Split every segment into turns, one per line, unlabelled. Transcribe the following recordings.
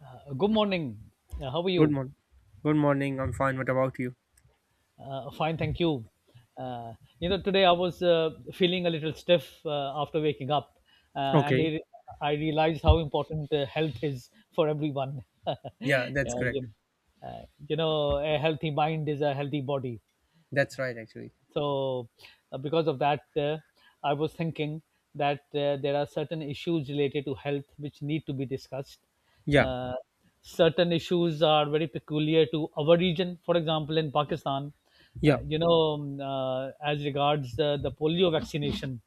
Good morning. How are
Good
you?
morning. Good morning. I'm fine. What about you?
Fine, thank you. Uh, Today I was feeling a little stiff after waking up, uh, and
Okay.
it, I realized how important health is for everyone.
Yeah,
yeah,
that's correct.
you, uh, a healthy mind is a healthy body.
That's right, actually.
So, because of that, I was thinking that there are certain issues related to health which need to be discussed.
Yeah,
Uh, Certain issues are very peculiar to our region. For example, in Pakistan,
yeah,
as regards the polio vaccination,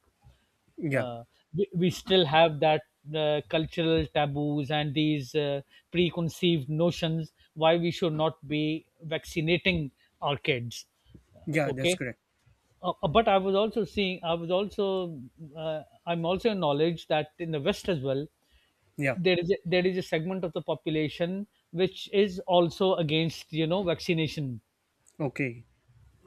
yeah,
uh, we still have that cultural taboos and these preconceived notions why we should not be vaccinating our kids. Uh,
yeah. That's
okay
correct.
but I was also I'm also acknowledged that in the West as well,
Yeah.
there is a segment of the population which is also against, you know, vaccination.
Okay.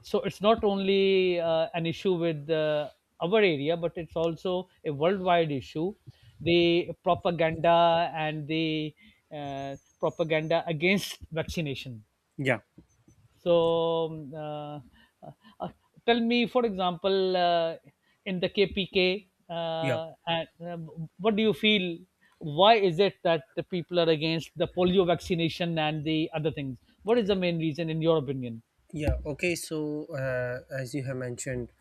So it's not only an issue with our area, but it's also a worldwide issue. The propaganda and the propaganda against vaccination.
Yeah,
So, um, uh, uh, uh, tell me, for example, in the KPK,
yeah,
what do you feel? Why is it that the people are against the polio vaccination and the other things? What is the main reason, in your opinion?
yeah. Okay. So, as you have mentioned,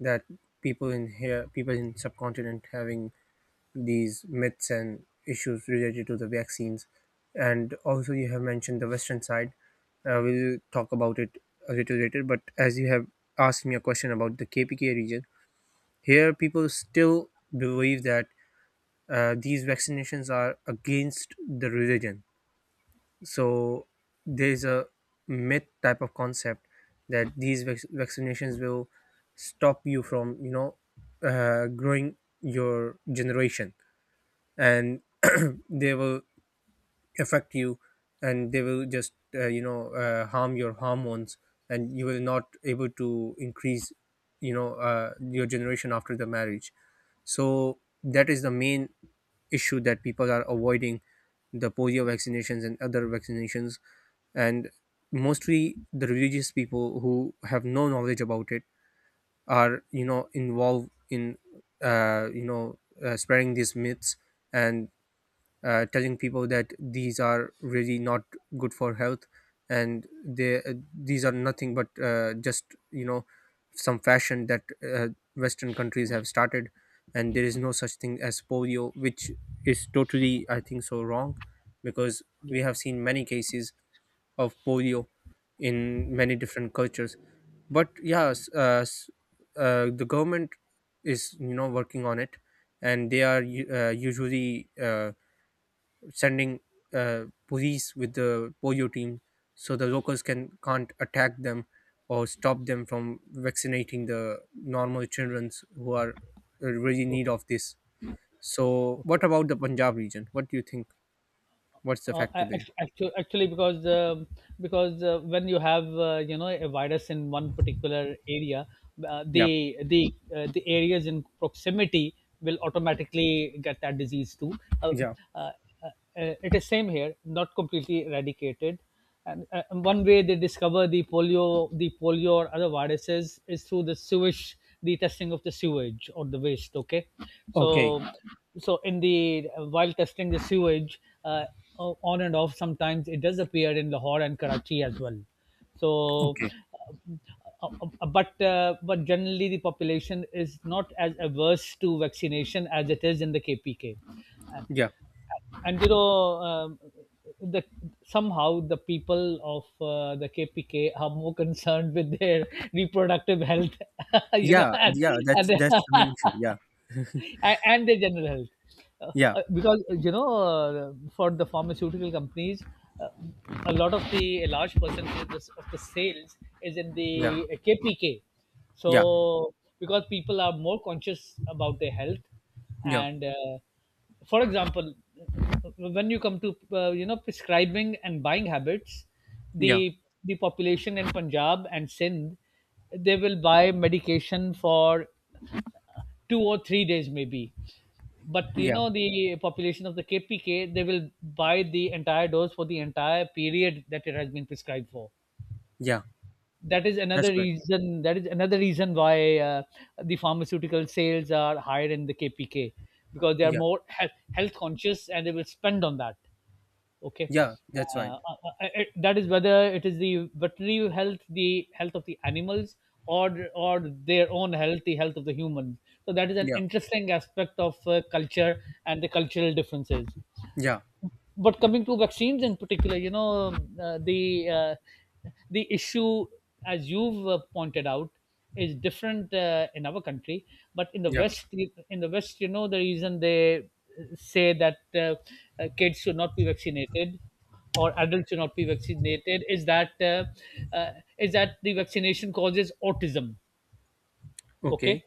that people in here, people in subcontinent, having these myths and issues related to the vaccines, and also you have mentioned the western side. We'll talk about it a little later. But as you have asked me a question about the KPK region, here, people still believe that these vaccinations are against the religion. So there's a myth type of concept that these vaccinations will stop you from, growing your generation, and they will affect you and they will just harm your hormones, and you will not able to increase your generation after the marriage. So that is the main issue that people are avoiding the polio vaccinations and other vaccinations, and mostly the religious people who have no knowledge about it are involved in uh, you know spreading these myths and telling people that these are really not good for health, and they these are nothing but just some fashion that western countries have started, and there is no such thing as polio, which is totally I think so wrong, because
Yeah.
we have seen many cases of polio in many different cultures. But yeah, the government is working on it, and they are usually uh, sending police with the polio team, so the locals can't attack them or stop them from vaccinating the normal children who are really in need
Okay,
of this. So
okay.
what about the Punjab region? What do you think? What's the
uh,
factor there?
actually, because when you have a virus in one particular area, uh,
Yeah.
the the uh, the areas in proximity will automatically get that disease too. uh,
Yeah.
uh, it is same here, not completely eradicated, and one way they discover the polio or other viruses is through the sewage, the testing of the sewage or the waste. Okay.
Okay.
So so in the, while testing the sewage, on and off sometimes it does appear in Lahore and Karachi as well. so uh,
Okay.
uh, uh, but uh, but generally the population is not as averse to vaccination as it is in the KPK.
Yeah.
And you know the Somehow the people of the KPK are more concerned with their reproductive health, you know,
Yeah. Yeah. That's
and
that's the main issue. Yeah.
and their general health.
Yeah.
Because for the pharmaceutical companies, uh, a large percentage of the sales is in the
Yeah.
KPK.
Yeah.
So, because people are more conscious about their health,
Yeah.
and for example, when you come to prescribing and buying habits,
Yeah.
the the population in Punjab and Sindh, they will buy medication for two or three days maybe, but you
Yeah.
know the population of the KPK, they will buy the entire dose for the entire period that it has been prescribed for.
Yeah.
that is
That's
another
correct.
reason that is another reason why the pharmaceutical sales are higher in the KPK, because they are
Yeah.
more health, health conscious and they will spend on that. Okay.
Yeah. That's right.
That is whether it is the veterinary health, the health of the animals, or their own health, the health of the humans. So that is an
Yeah.
interesting aspect of culture and the cultural differences.
Yeah.
But coming to vaccines in particular, the issue, as you've pointed out, is different in our country. But
Yeah.
In the West, you know, the reason they say that kids should not be vaccinated or adults should not be vaccinated uh, is that the vaccination causes autism.
Okay.
Okay.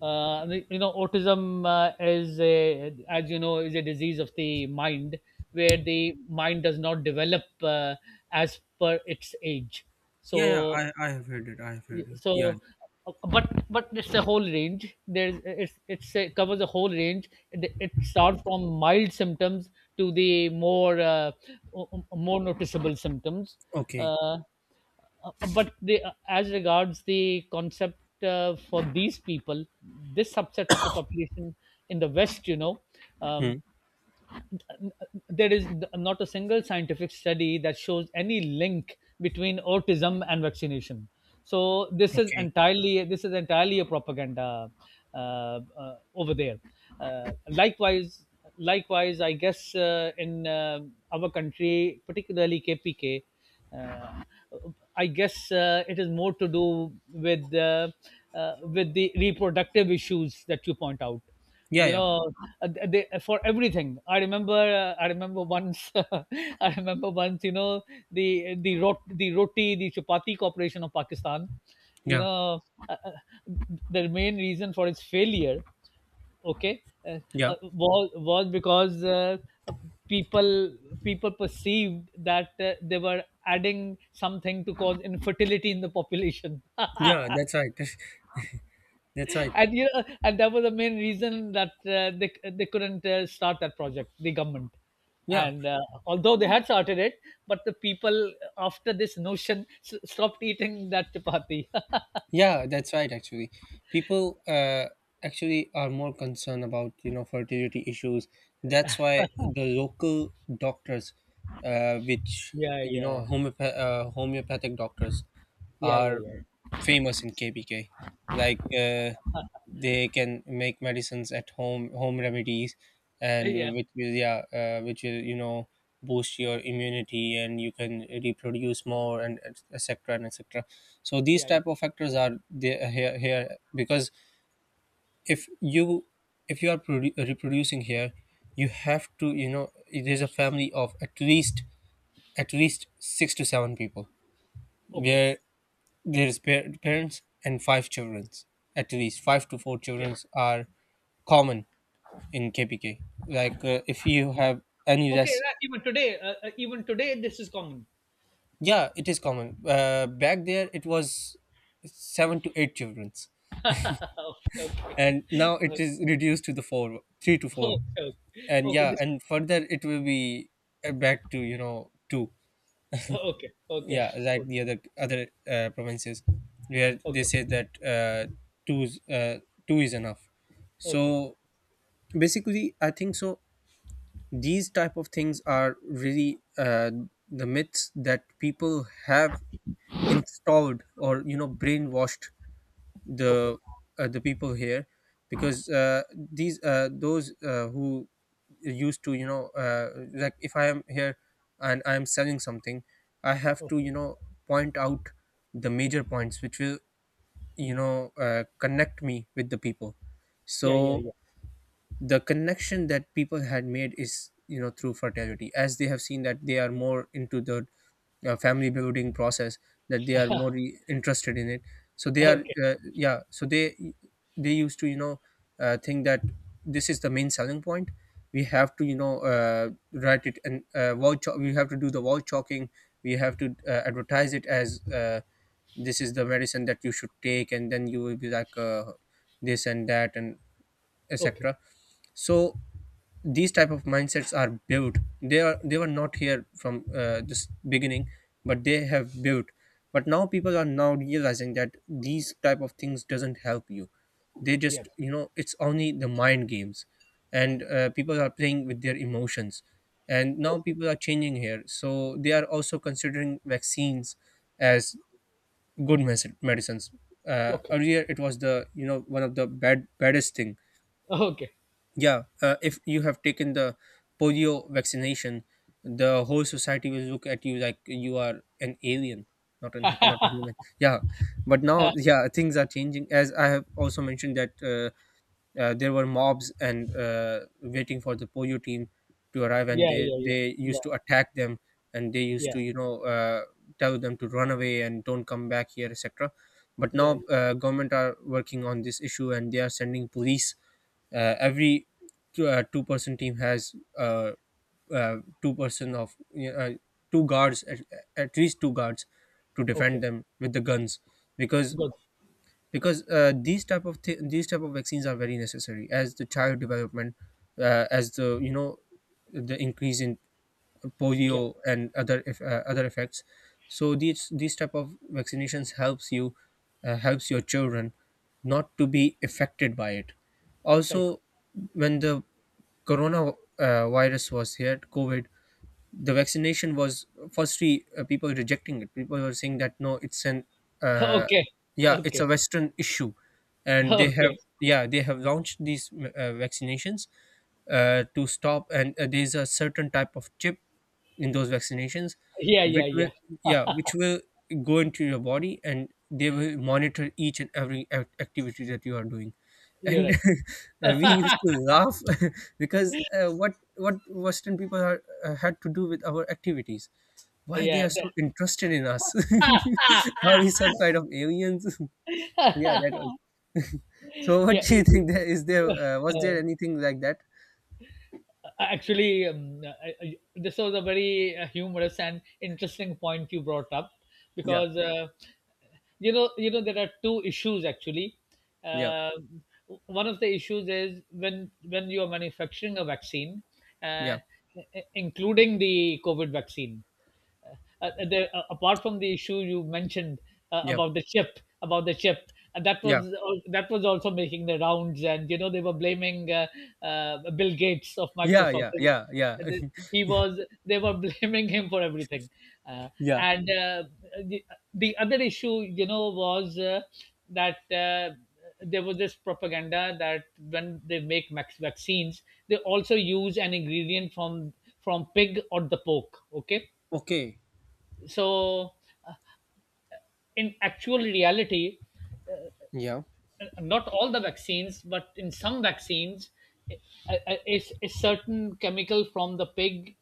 You know, autism is a, as you know, is a disease of the mind, where the mind does not develop as per its age.
Yeah, yeah,
so
I have heard it. I have heard it.
so
Yeah.
but but it's a whole range, there's it's a, covers a whole range. It starts from mild symptoms to the more more noticeable symptoms.
Okay.
uh, but as regards the concept for these people, this subset of the population in the West,
Hmm.
um, there is not a single scientific study that shows any link between autism and vaccination. So this is
Okay.
entirely this is entirely a propaganda over there. Uh, likewise, Likewise, I guess in our country, particularly KPK, uh, I guess it is more to do with the reproductive issues that you point out.
Yeah,
You
yeah,
know, they for everything I remember once I remember once, you know, the rot the roti the chapati corporation of Pakistan, you
yeah,
know, uh, uh, the main reason for its failure. Okay. uh,
yeah,
was because uh, people people perceived that they were adding something to cause infertility in the population.
yeah. That's right. That's right.
And you know, and that was the main reason that they couldn't start that project, the government.
Yeah,
And although they had started it, but the people after this notion stopped eating that chapati.
yeah, that's right. Actually, people actually are more concerned about fertility issues. That's why the local doctors, which
Yeah, yeah,
homeopathic doctors,
yeah, yeah,
are
yeah,
famous in KBK. Like they can make medicines at home, home remedies,
yeah, yeah,
and which will boost your immunity, and you can reproduce more, and etc and etc. So these
yeah.
type of factors are there here, because if you if you are reproducing here. You have to, it is a family of at least, six to seven people,
Okay,
where there's parents and five children. At least five to four
yeah,
children are common in kpk. Like if you have any
okay.
less.
Right. Even today, this is common.
Yeah, it is common. Back there it was seven to eight childrens,
Okay,
and now it
okay,
is reduced to the four three to four.
okay,
And
okay.
yeah,
This,
and further it will be back to, two.
okay, okay,
Yeah, like
okay,
the other provinces, where they say that two is uh, two is enough.
okay, okay,
So basically I think so these type of things are really the myths that people have installed, or brainwashed
okay.
the the people here. Because these those who used to, like if I am here and I am selling something, I have to,
Okay.
point out the major points which will connect me with the people.
Yeah, yeah,
So
yeah.
the connection that people had made is, through fertility, as they have seen that they are more into the family building process, that they are more interested in it. so they are
Okay,
uh, yeah so they used to, think that this is the main selling point. We have to, write it, and we have to do the wall chalking. We have to advertise it as this is the medicine that you should take, and then you will be like this and that and
okay.
etc. So these type of mindsets are built. They were not here from this beginning, but they have built. But now people are now realizing that these type of things doesn't help you. They
Yeah.
just, it's only the mind games, and people are playing with their emotions. And now people are changing here, so they are also considering vaccines as good medicines.
Okay.
Earlier it was the, one of the baddest thing.
Okay.
Yeah, if you have taken the polio vaccination, the whole society will look at you like you are an alien, not a human. Yeah, but now, yeah, things are changing. As I have also mentioned that there were mobs and waiting for the Poyo team to arrive, and
Yeah, yeah, yeah.
they
Yeah,
used to attack them, and they used
yeah,
to, tell them to run away and don't come back here, etc. But
yeah, yeah.
now government are working on this issue, and they are sending police. Every two-person team has uh, two person of yeah, two guards, at least two guards to defend
Okay.
them with the guns. because
Good.
because these type of vaccines are very necessary, as the child development, as, the the increase in
Yeah.
polio and other effects. So these type of vaccinations helps your children not to be affected by it.
Right.
Also, when the corona virus was here, covid, the vaccination was firstly, people were rejecting it. People were saying that no, it's an uh,
Okay.
yeah it's
Okay.
a western issue, and
Okay.
they have launched these vaccinations to stop, and there's a certain type of chip in those vaccinations,
Yeah, yeah,
which will,
yeah.
yeah which will go into your body, and they will monitor each and every activity that you are doing.
You're
And
right.
we used to laugh because what western people had to do with our activities, why they
Yeah,
are so
that-.
interested in us, are we some kind of aliens? So yeah, that was so what
Yeah,
do you
y-.
think? There is there Was there anything like that?
Actually, I, this was a very humorous and interesting point you brought up,
Yeah,
because you know there are two issues actually.
yeah,
Uh, one of the issues is when you are manufacturing a vaccine,
yeah,
uh, including the COVID vaccine, uh, apart from the issue you mentioned uh,
yeah,
about the chip about the chip and that
yeah,
was that was also making the rounds, and you know they were blaming Bill Gates of
yeah,
Microsoft.
yeah, yeah, yeah.
They- he was They were blaming him for everything. uh,
Yeah,
and uh, the, the other issue, you know, was that there was this propaganda that when they make max vaccines, they also use an ingredient from pig or the pork. Okay.
okay,
So in actual reality,
yeah,
not all the vaccines, but in some vaccines, a, a certain chemical from the pig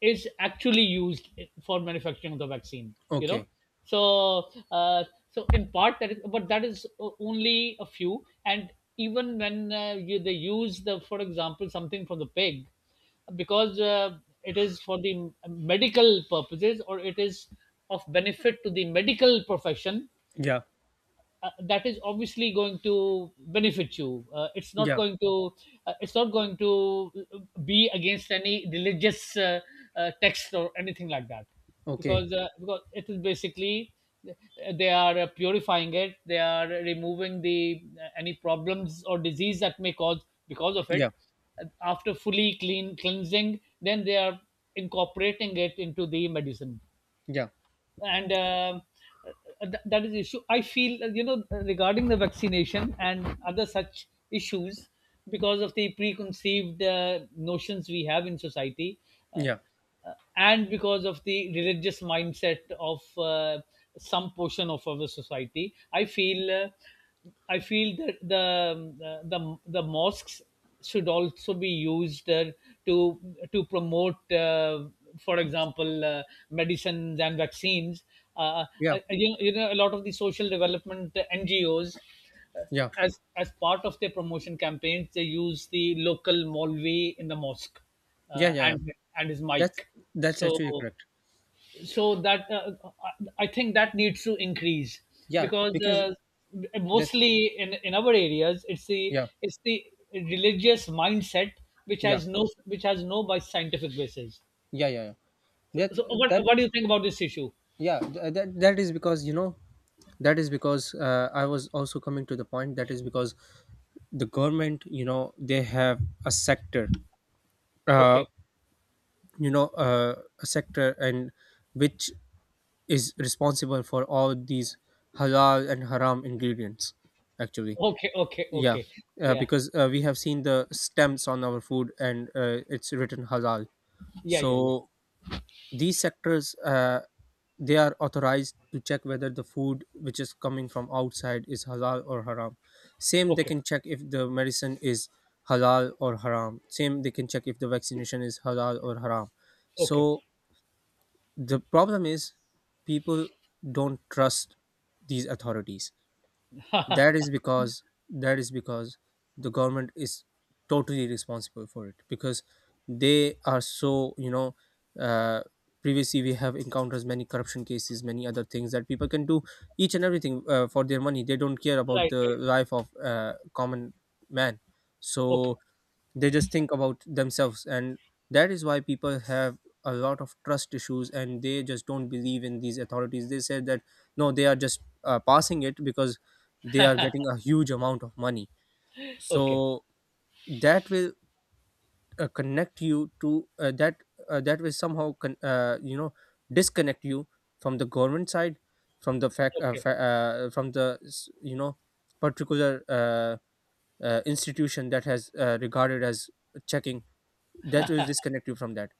is actually used for manufacturing of the vaccine. You know,
okay,
so uh, so in part that is, but that is only a few. And even when they use the, for example, something from the pig, because it is for the medical purposes or it is of benefit to the medical profession,
yeah,
that is obviously going to benefit you.
yeah,
It's not going to be against any religious text or anything like that,
okay,
because it is basically, they are purifying it, they are removing the any problems or disease that may cause because of it.
yeah,
After fully cleansing, then they are incorporating it into the medicine.
yeah,
and um, uh, that is the issue I feel, you know, regarding the vaccination and other such issues, because of the preconceived notions we have in society, uh,
yeah,
and because of the religious mindset of some portion of our society. I feel that the mosques should also be used to to promote, for example, medicines and vaccines. Uh, uh,
yeah, yeah, yeah,
you know, a lot of the social development NGOs, uh,
yeah,
as part of their promotion campaigns, they use the local Molvi in the mosque
yeah,
uh,
yeah.
and and his
That's
mic.
that's
So
actually correct.
so that I think that needs to increase,
Yeah,
because
because that's,
mostly in our areas, it's
yeah,
the religious mindset
yeah,
which has no by scientific basis.
yeah, yeah, yeah.
So,
That
so what
that
what do you think about this issue?
that is because, that is because I was also coming to the point. That is because the government, they have a sector, uh,
Okay,
and which is responsible for all these halal and haram ingredients. Actually,
okay, okay,
yeah,
okay. Yeah,
because we have seen the stamps on our food, and it's written halal.
yeah, yeah, yeah.
So these sectors they are authorized to check whether the food which is coming from outside is halal or haram. Same, they
Okay,
can check if the medicine is halal or haram. Same, they can check if the vaccination is halal or haram. So
okay.
the problem is, people don't trust these authorities. that is because that is because the government is totally responsible for it, because they are so, uh, previously we have encountered many corruption cases, many other things that people can do each and everything for their money. They don't care about
Right,
the
right.
life of common man.
Okay,
So they just think about themselves, and that is why people have a lot of trust issues, and they just don't believe in these authorities. They said that no, they are just passing it because they are getting a huge amount of money.
okay,
So that will connect you to that, that will somehow disconnect you from the government side, from the fact uh,
okay,
fa- uh, from the particular institution that has regarded as checking. That will disconnect you from that,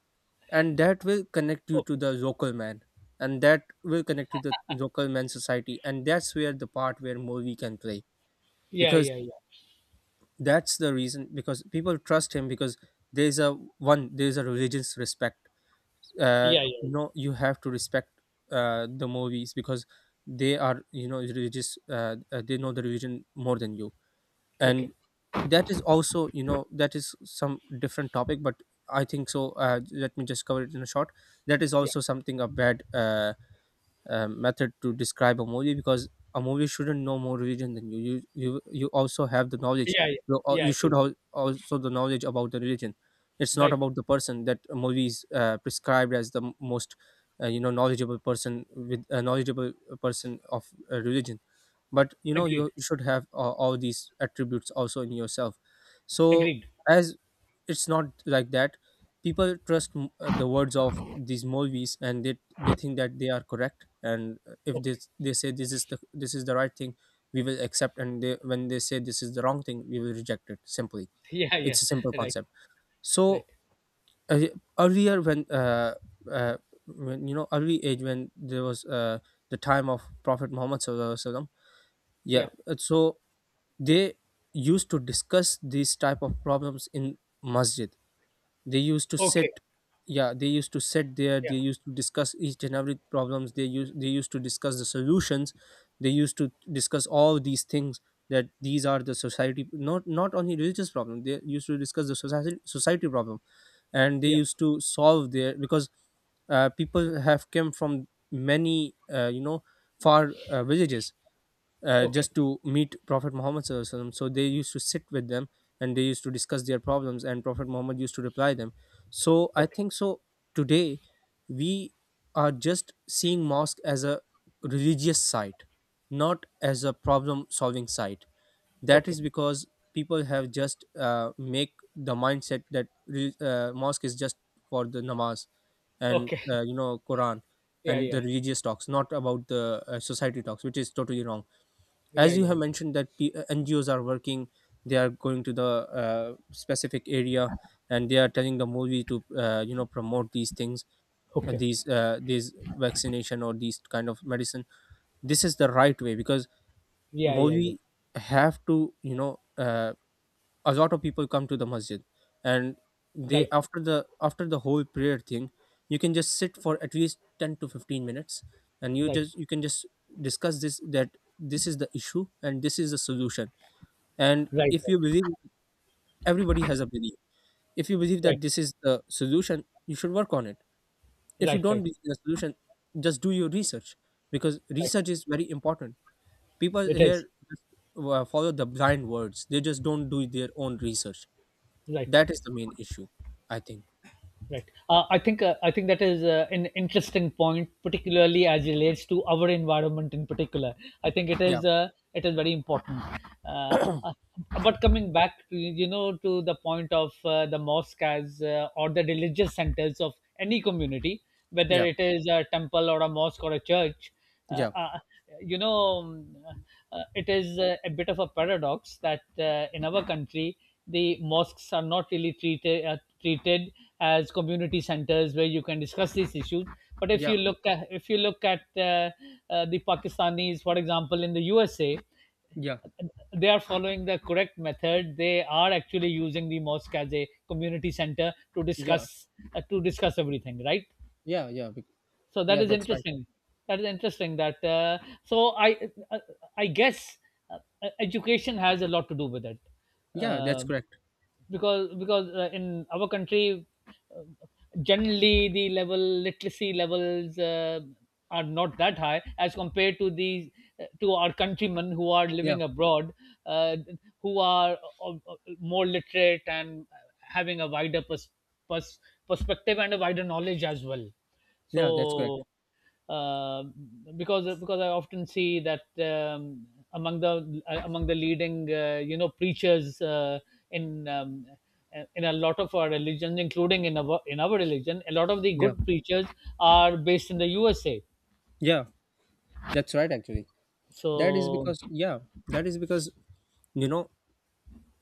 and that will connect you to
okay.
the local man, and that will connect you to the local man society, and that's where the part where movie can play.
Yeah,
Because
yeah, yeah,
that's the reason, because people trust him, because there's a religious respect.
yeah. Yeah,
No, you have to respect the movies, because they are, religious, they know the religion more than you.
yeah.
And
Okay.
that is also, that is some different topic, but I think so let me just cover it in a short. That is
Yeah,
also something a bad method to describe a movie because a movie shouldn't know more religion than you. You also have the knowledge.
yeah, yeah,
you, al-
yeah.
you
You
should
do.
also the knowledge about the religion. It's not
Right.
about the person that a movie is prescribed as the most knowledgeable person, with a knowledgeable person of religion. But
Agreed.
you should have all these attributes also in yourself. So,
Agreed.
as it's not like that, people trust the words of these movies, and they think that they are correct, and if they
Okay.
they say this is the right thing, we will accept, and they when they say this is the wrong thing, we will reject it simply.
Yeah, yeah.
It's a simple
Right,
concept.
right.
So, uh, earlier uh, when early age, when there was the time of Prophet Muhammad Sallallahu Alaihi Wasallam, yeah,
Yeah.
so they used to discuss these type of problems in masjid. They used to
Okay.
sit. Yeah, they used to sit there,
Yeah.
they used to discuss each and every problems, they used to discuss the solutions, they used to discuss all these things, that these are the society, not only religious problem. They used to discuss the society problem, and they
Yeah.
used to solve their, because people have come from many far villages,
Okay.
just to meet Prophet Muhammad, SAW. So they used to sit with them, and they used to discuss their problems, and Prophet Muhammad used to reply them. So I
Okay.
think so today we are just seeing mosque as a religious site, not as a problem solving site. That
Okay.
is because people have just make the mindset that mosque is just for the namaz, and
Okay.
Quran
Yeah,
and the
yeah.
religious talks, not about the society talks, which is totally wrong.
Yeah,
As you
yeah,
have
yeah.
mentioned that NGOs are working, they are going to the specific area, and they are telling the movie to promote these things,
Okay.
these vaccination or these kind of medicine. This is the right way, because
Yeah, yeah, yeah.
movie have to, a lot of people come to the masjid, and they,
Right.
after the whole prayer thing, you can just sit for at least 10 to 15 minutes, and
Right.
you can just discuss this, that this is the issue and this is the solution. And
Right,
if
right.
you believe, everybody has a belief, if you believe
Right.
that this is the solution, you should work on it. If you
Right, right.
don't believe in a solution, just do your research, because
Right.
research is very important. People
It is.
here just follow the blind words; they just don't do their own research.
Right.
That is the main issue, I think.
Right. I think that is an interesting point, particularly as relates to our environment in particular. I think
Yeah,
it is very important. Uh, uh, but coming back, to, you know, to the point of the mosque as or the religious centers of any community, whether
yeah,
it is a temple or a mosque or a church, uh,
yeah,
uh, you know, um, it is a bit of a paradox that in our country, the mosques are not really treated as community centers where you can discuss these issues. But if you
yeah,
look at if you look at the Pakistanis, for example, in the USA,
yeah,
they are following the correct method. They are actually using the mosque as a community center
yeah,
to discuss everything, right?
yeah, yeah,
So that
yeah.
is
That's right.
interesting that so i uh, I guess uh, education has a lot to do with it,
Yeah, that's
uh,
correct.
because in our country uh, generally the level literacy levels are not that high as compared to the to our countrymen who are
Yeah,
living abroad, uh, who are more literate and having a pers- perspective and a wider knowledge as well.
yeah, that's correct.
So uh, because I often see that among the leading you know preachers in in a lot of our religions, including in our religion, a lot of the
Yeah,
good preachers are based in the USA.
yeah, that's right. Actually, that is
So
because, yeah, that is because, you know,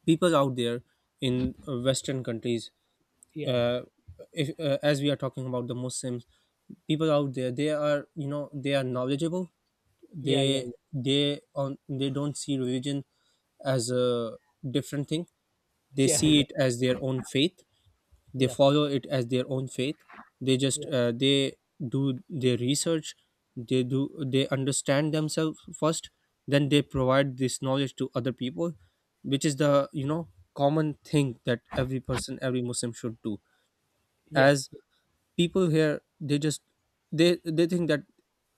people out there in western countries,
yeah,
uh, if, as we are talking about the muslims, people out there, they are, you know, they are knowledgeable.
yeah, yeah,
They they on they don't see religion as a different thing. They
yeah,
see
yeah,
it as their own faith, they
yeah,
follow it as their own faith. They just
yeah,
they do their research, they do they understand themselves first, then they provide this knowledge to other people, which is the, you know, common thing that every person, every muslim should do.
yeah,
As
yeah,
people here, they just, they think that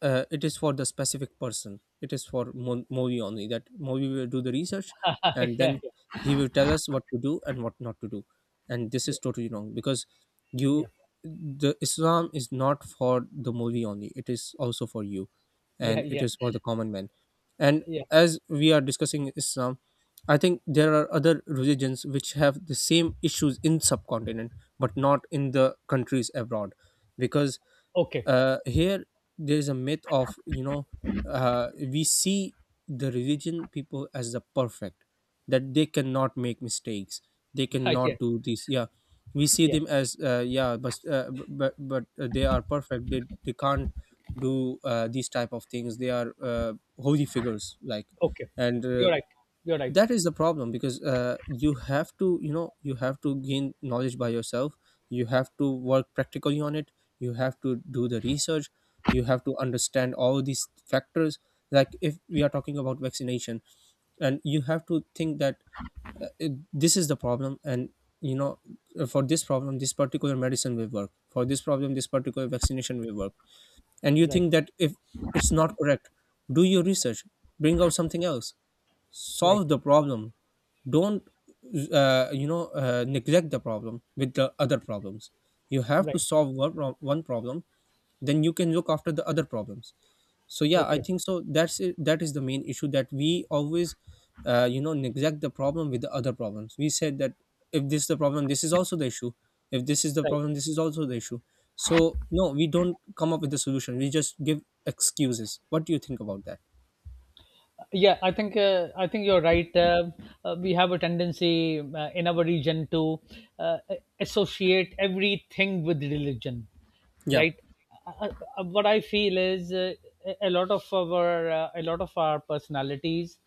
it is for the specific person, it is for Movi only, that Movi will do the research, and
yeah,
then he will tell us what to do and what not to do. And this is totally wrong, because
yeah, yeah,
you, the Islam is not for the Movi only, it is also for you,
yeah,
and it
yeah,
is for the common man. And
yeah.
as we are discussing Islam, I think there are other religions which have the same issues in subcontinent, but not in the countries abroad, because
Okay,
here there is a myth of, you know, we see the religion people as the perfect, that they cannot make mistakes, they
yeah,
cannot do this. Yeah. We see
yeah.
them as yeah, but b- but they are perfect, they can't do these type of things, they are holy figures like.
Okay,
And
you're right. You're right.
that is the problem, because you have to, you have to gain knowledge by yourself. You have to work practically on it, you have to do the research, you have to understand all these factors. Like, if we are talking about vaccination, and you have to think that this is the problem. And you know for this problem, this particular medicine will work, for this problem, this particular vaccination will work. And you
Right.
think that, if it's not correct, do your research, bring out something else, solve
Right.
the problem. Don't neglect the problem with the other problems. You have to
Right.
solve one problem, then you can look after the other problems. So yeah, I
Okay.
think so, that's it, that is the main issue, that we always neglect the problem with the other problems. We said that, if this is the problem, this is also the issue; if this is the
Right.
problem, this is also the issue. So no, we don't come up with the solution, we just give excuses. What do you think about that?
Yeah, I think you're right. We have a tendency in our region to uh, associate everything with religion,
Yeah,
right? What I feel is a lot of our personalities,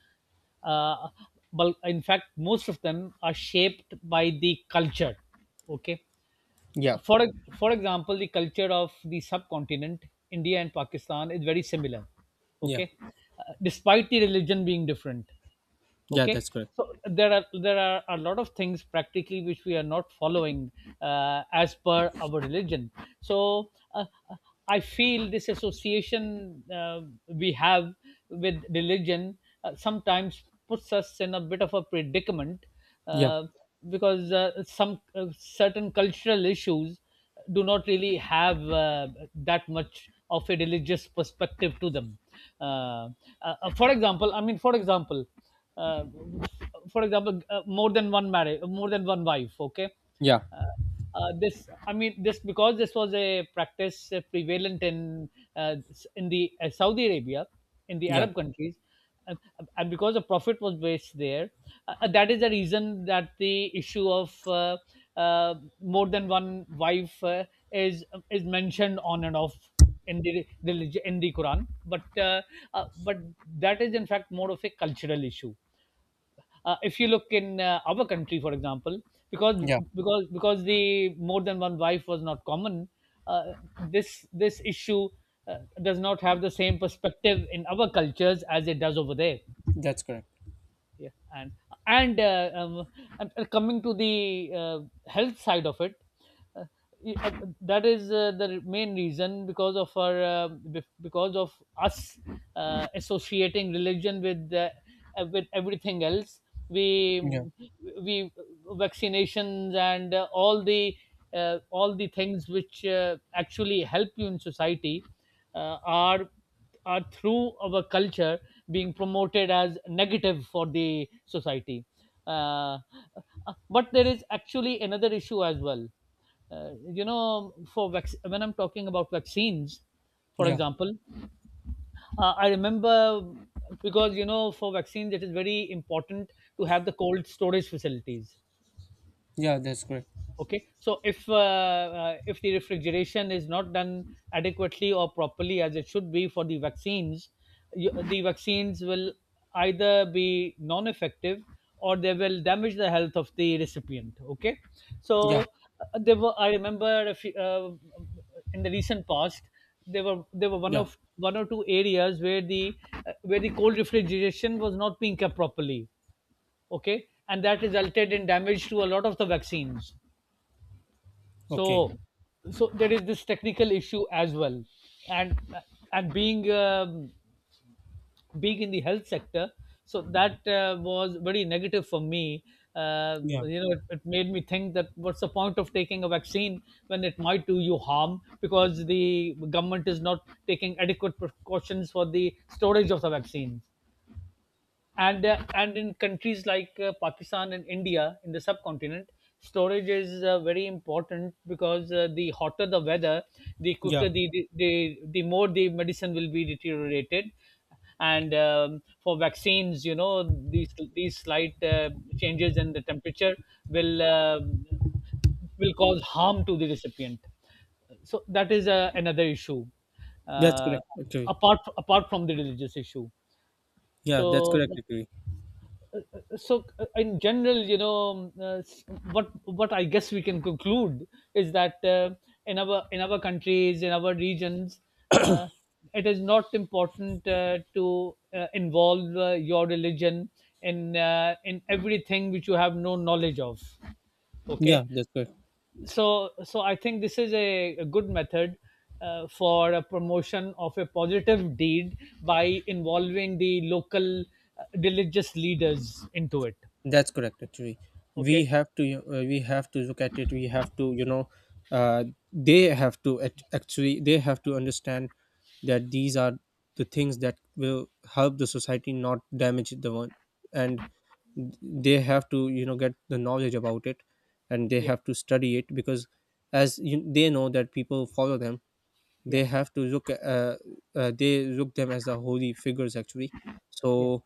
uh, well, in fact, most of them are shaped by the culture. Okay.
yeah,
For e- for example, the culture of the subcontinent, India and Pakistan, is very similar.
yeah,
Okay. Despite the religion being different.
yeah,
Okay,
that's correct.
so there are a lot of things practically which we are not following as per our religion. So I feel this association we have with religion sometimes puts us in a bit of a predicament,
Yeah,
uh, because some certain cultural issues do not really have that much of a religious perspective to them. Uh, uh, for example, I mean, uh, for example, more than one marriage, more than one wife. Okay.
yeah,
Uh, uh, this I mean, this because this was a practice prevalent uh, in the Saudi Arabia, in the
yeah,
Arab countries and and because the profit was based there, that is the reason that the issue of uh, more than one wife is is mentioned on and off in the Quran. But that is in fact more of a cultural issue. If you look in our country, for example, because
yeah.
because the more than one wife was not common, uh, this issue does not have the same perspective in our cultures as it does over there,
That's correct.
yeah. And and uh, um, and uh, coming to the health side of it, uh, y- uh, that is the main reason. Because of because of us associating religion with everything else, we
Yeah,
we, vaccinations and all the things which actually help you in society, uh, are are through our culture being promoted as negative for the society. Uh, but there is actually another issue as well. You know, when I'm talking about vaccines, for
yeah,
example, I remember, because you know for vaccines it is very important to have the cold storage facilities.
yeah. That's correct.
Okay, so if the refrigeration is not done adequately or properly as it should be for the vaccines, you, the vaccines will either be non effective or they will damage the health of the recipient. Okay, so
Yeah,
there were, I remember, in the recent past, there were one
yeah.
of one or two areas where the cold refrigeration was not being kept properly. Okay, and that resulted in damage to a lot of the vaccines.
Okay.
So so there is this technical issue as well, and and being being in the health sector. So that was very negative for me.
Yeah,
You know, it made me think that what's the point of taking a vaccine when it might do you harm, because the government is not taking adequate precautions for the storage of the vaccines. And in countries like Pakistan and India in the subcontinent, storage is very important, because the hotter the weather, the
yeah.
quicker the more the medicine will be deteriorated. And for vaccines, you know, these slight changes in the temperature will uh, will cause harm to the recipient. So that is another issue,
That's
uh,
correct. Actually,
apart from the religious issue.
yeah. That's
So
correct. Actually,
so in general, you know, what I guess we can conclude is that in our countries, in our regions, uh, it is not important to involve your religion in everything which you have no knowledge of, okay.
yeah. That's correct.
So so I think this is a good method for a promotion of a positive deed by involving the local religious leaders into it.
That's correct. Actually, we
Okay,
have to. We have to look at it. We have to. You know, uh, they have to actually, they have to understand that these are the things that will help the society, not damage the one. And they have to, you know, get the knowledge about it, and they
yeah,
have to study it, because as you, they know that people follow them,
yeah,
they have to look, they look them as the holy figures actually.
yeah,
So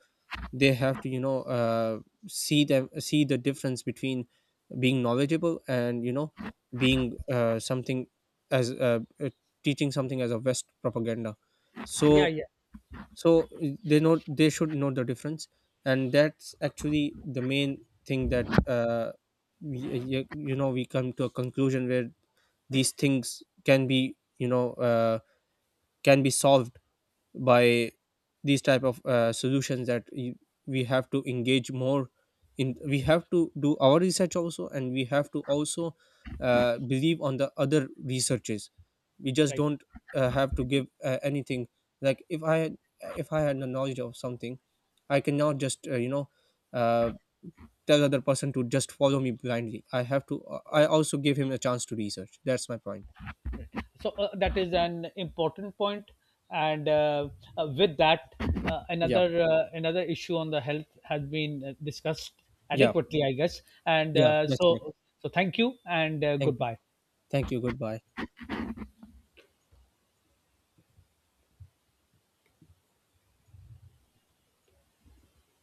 they have to, you know, see the difference between being knowledgeable and, you know, being something, as teaching something as a west propaganda.
yeah,
So,
yeah,
they know, they should know the difference. And that's actually the main thing, that we, we come to a conclusion where these things can be, you know, can be solved by these type of solutions. That we have to engage more in, we have to do our research also, and we have to also believe on the other researches. We just
right,
don't have to give anything. Like, if if I had the knowledge of something, I cannot just uh, tell other person to just follow me blindly, I have to I
right.
also give him a chance to research. That's my point.
So that is an important point, and with that,
Yeah,
another issue on the health has been discussed
yeah,
adequately, I guess. and
yeah,
uh,
that's correct.
so so thank you, and
thank you
goodbye.
thank you goodbye.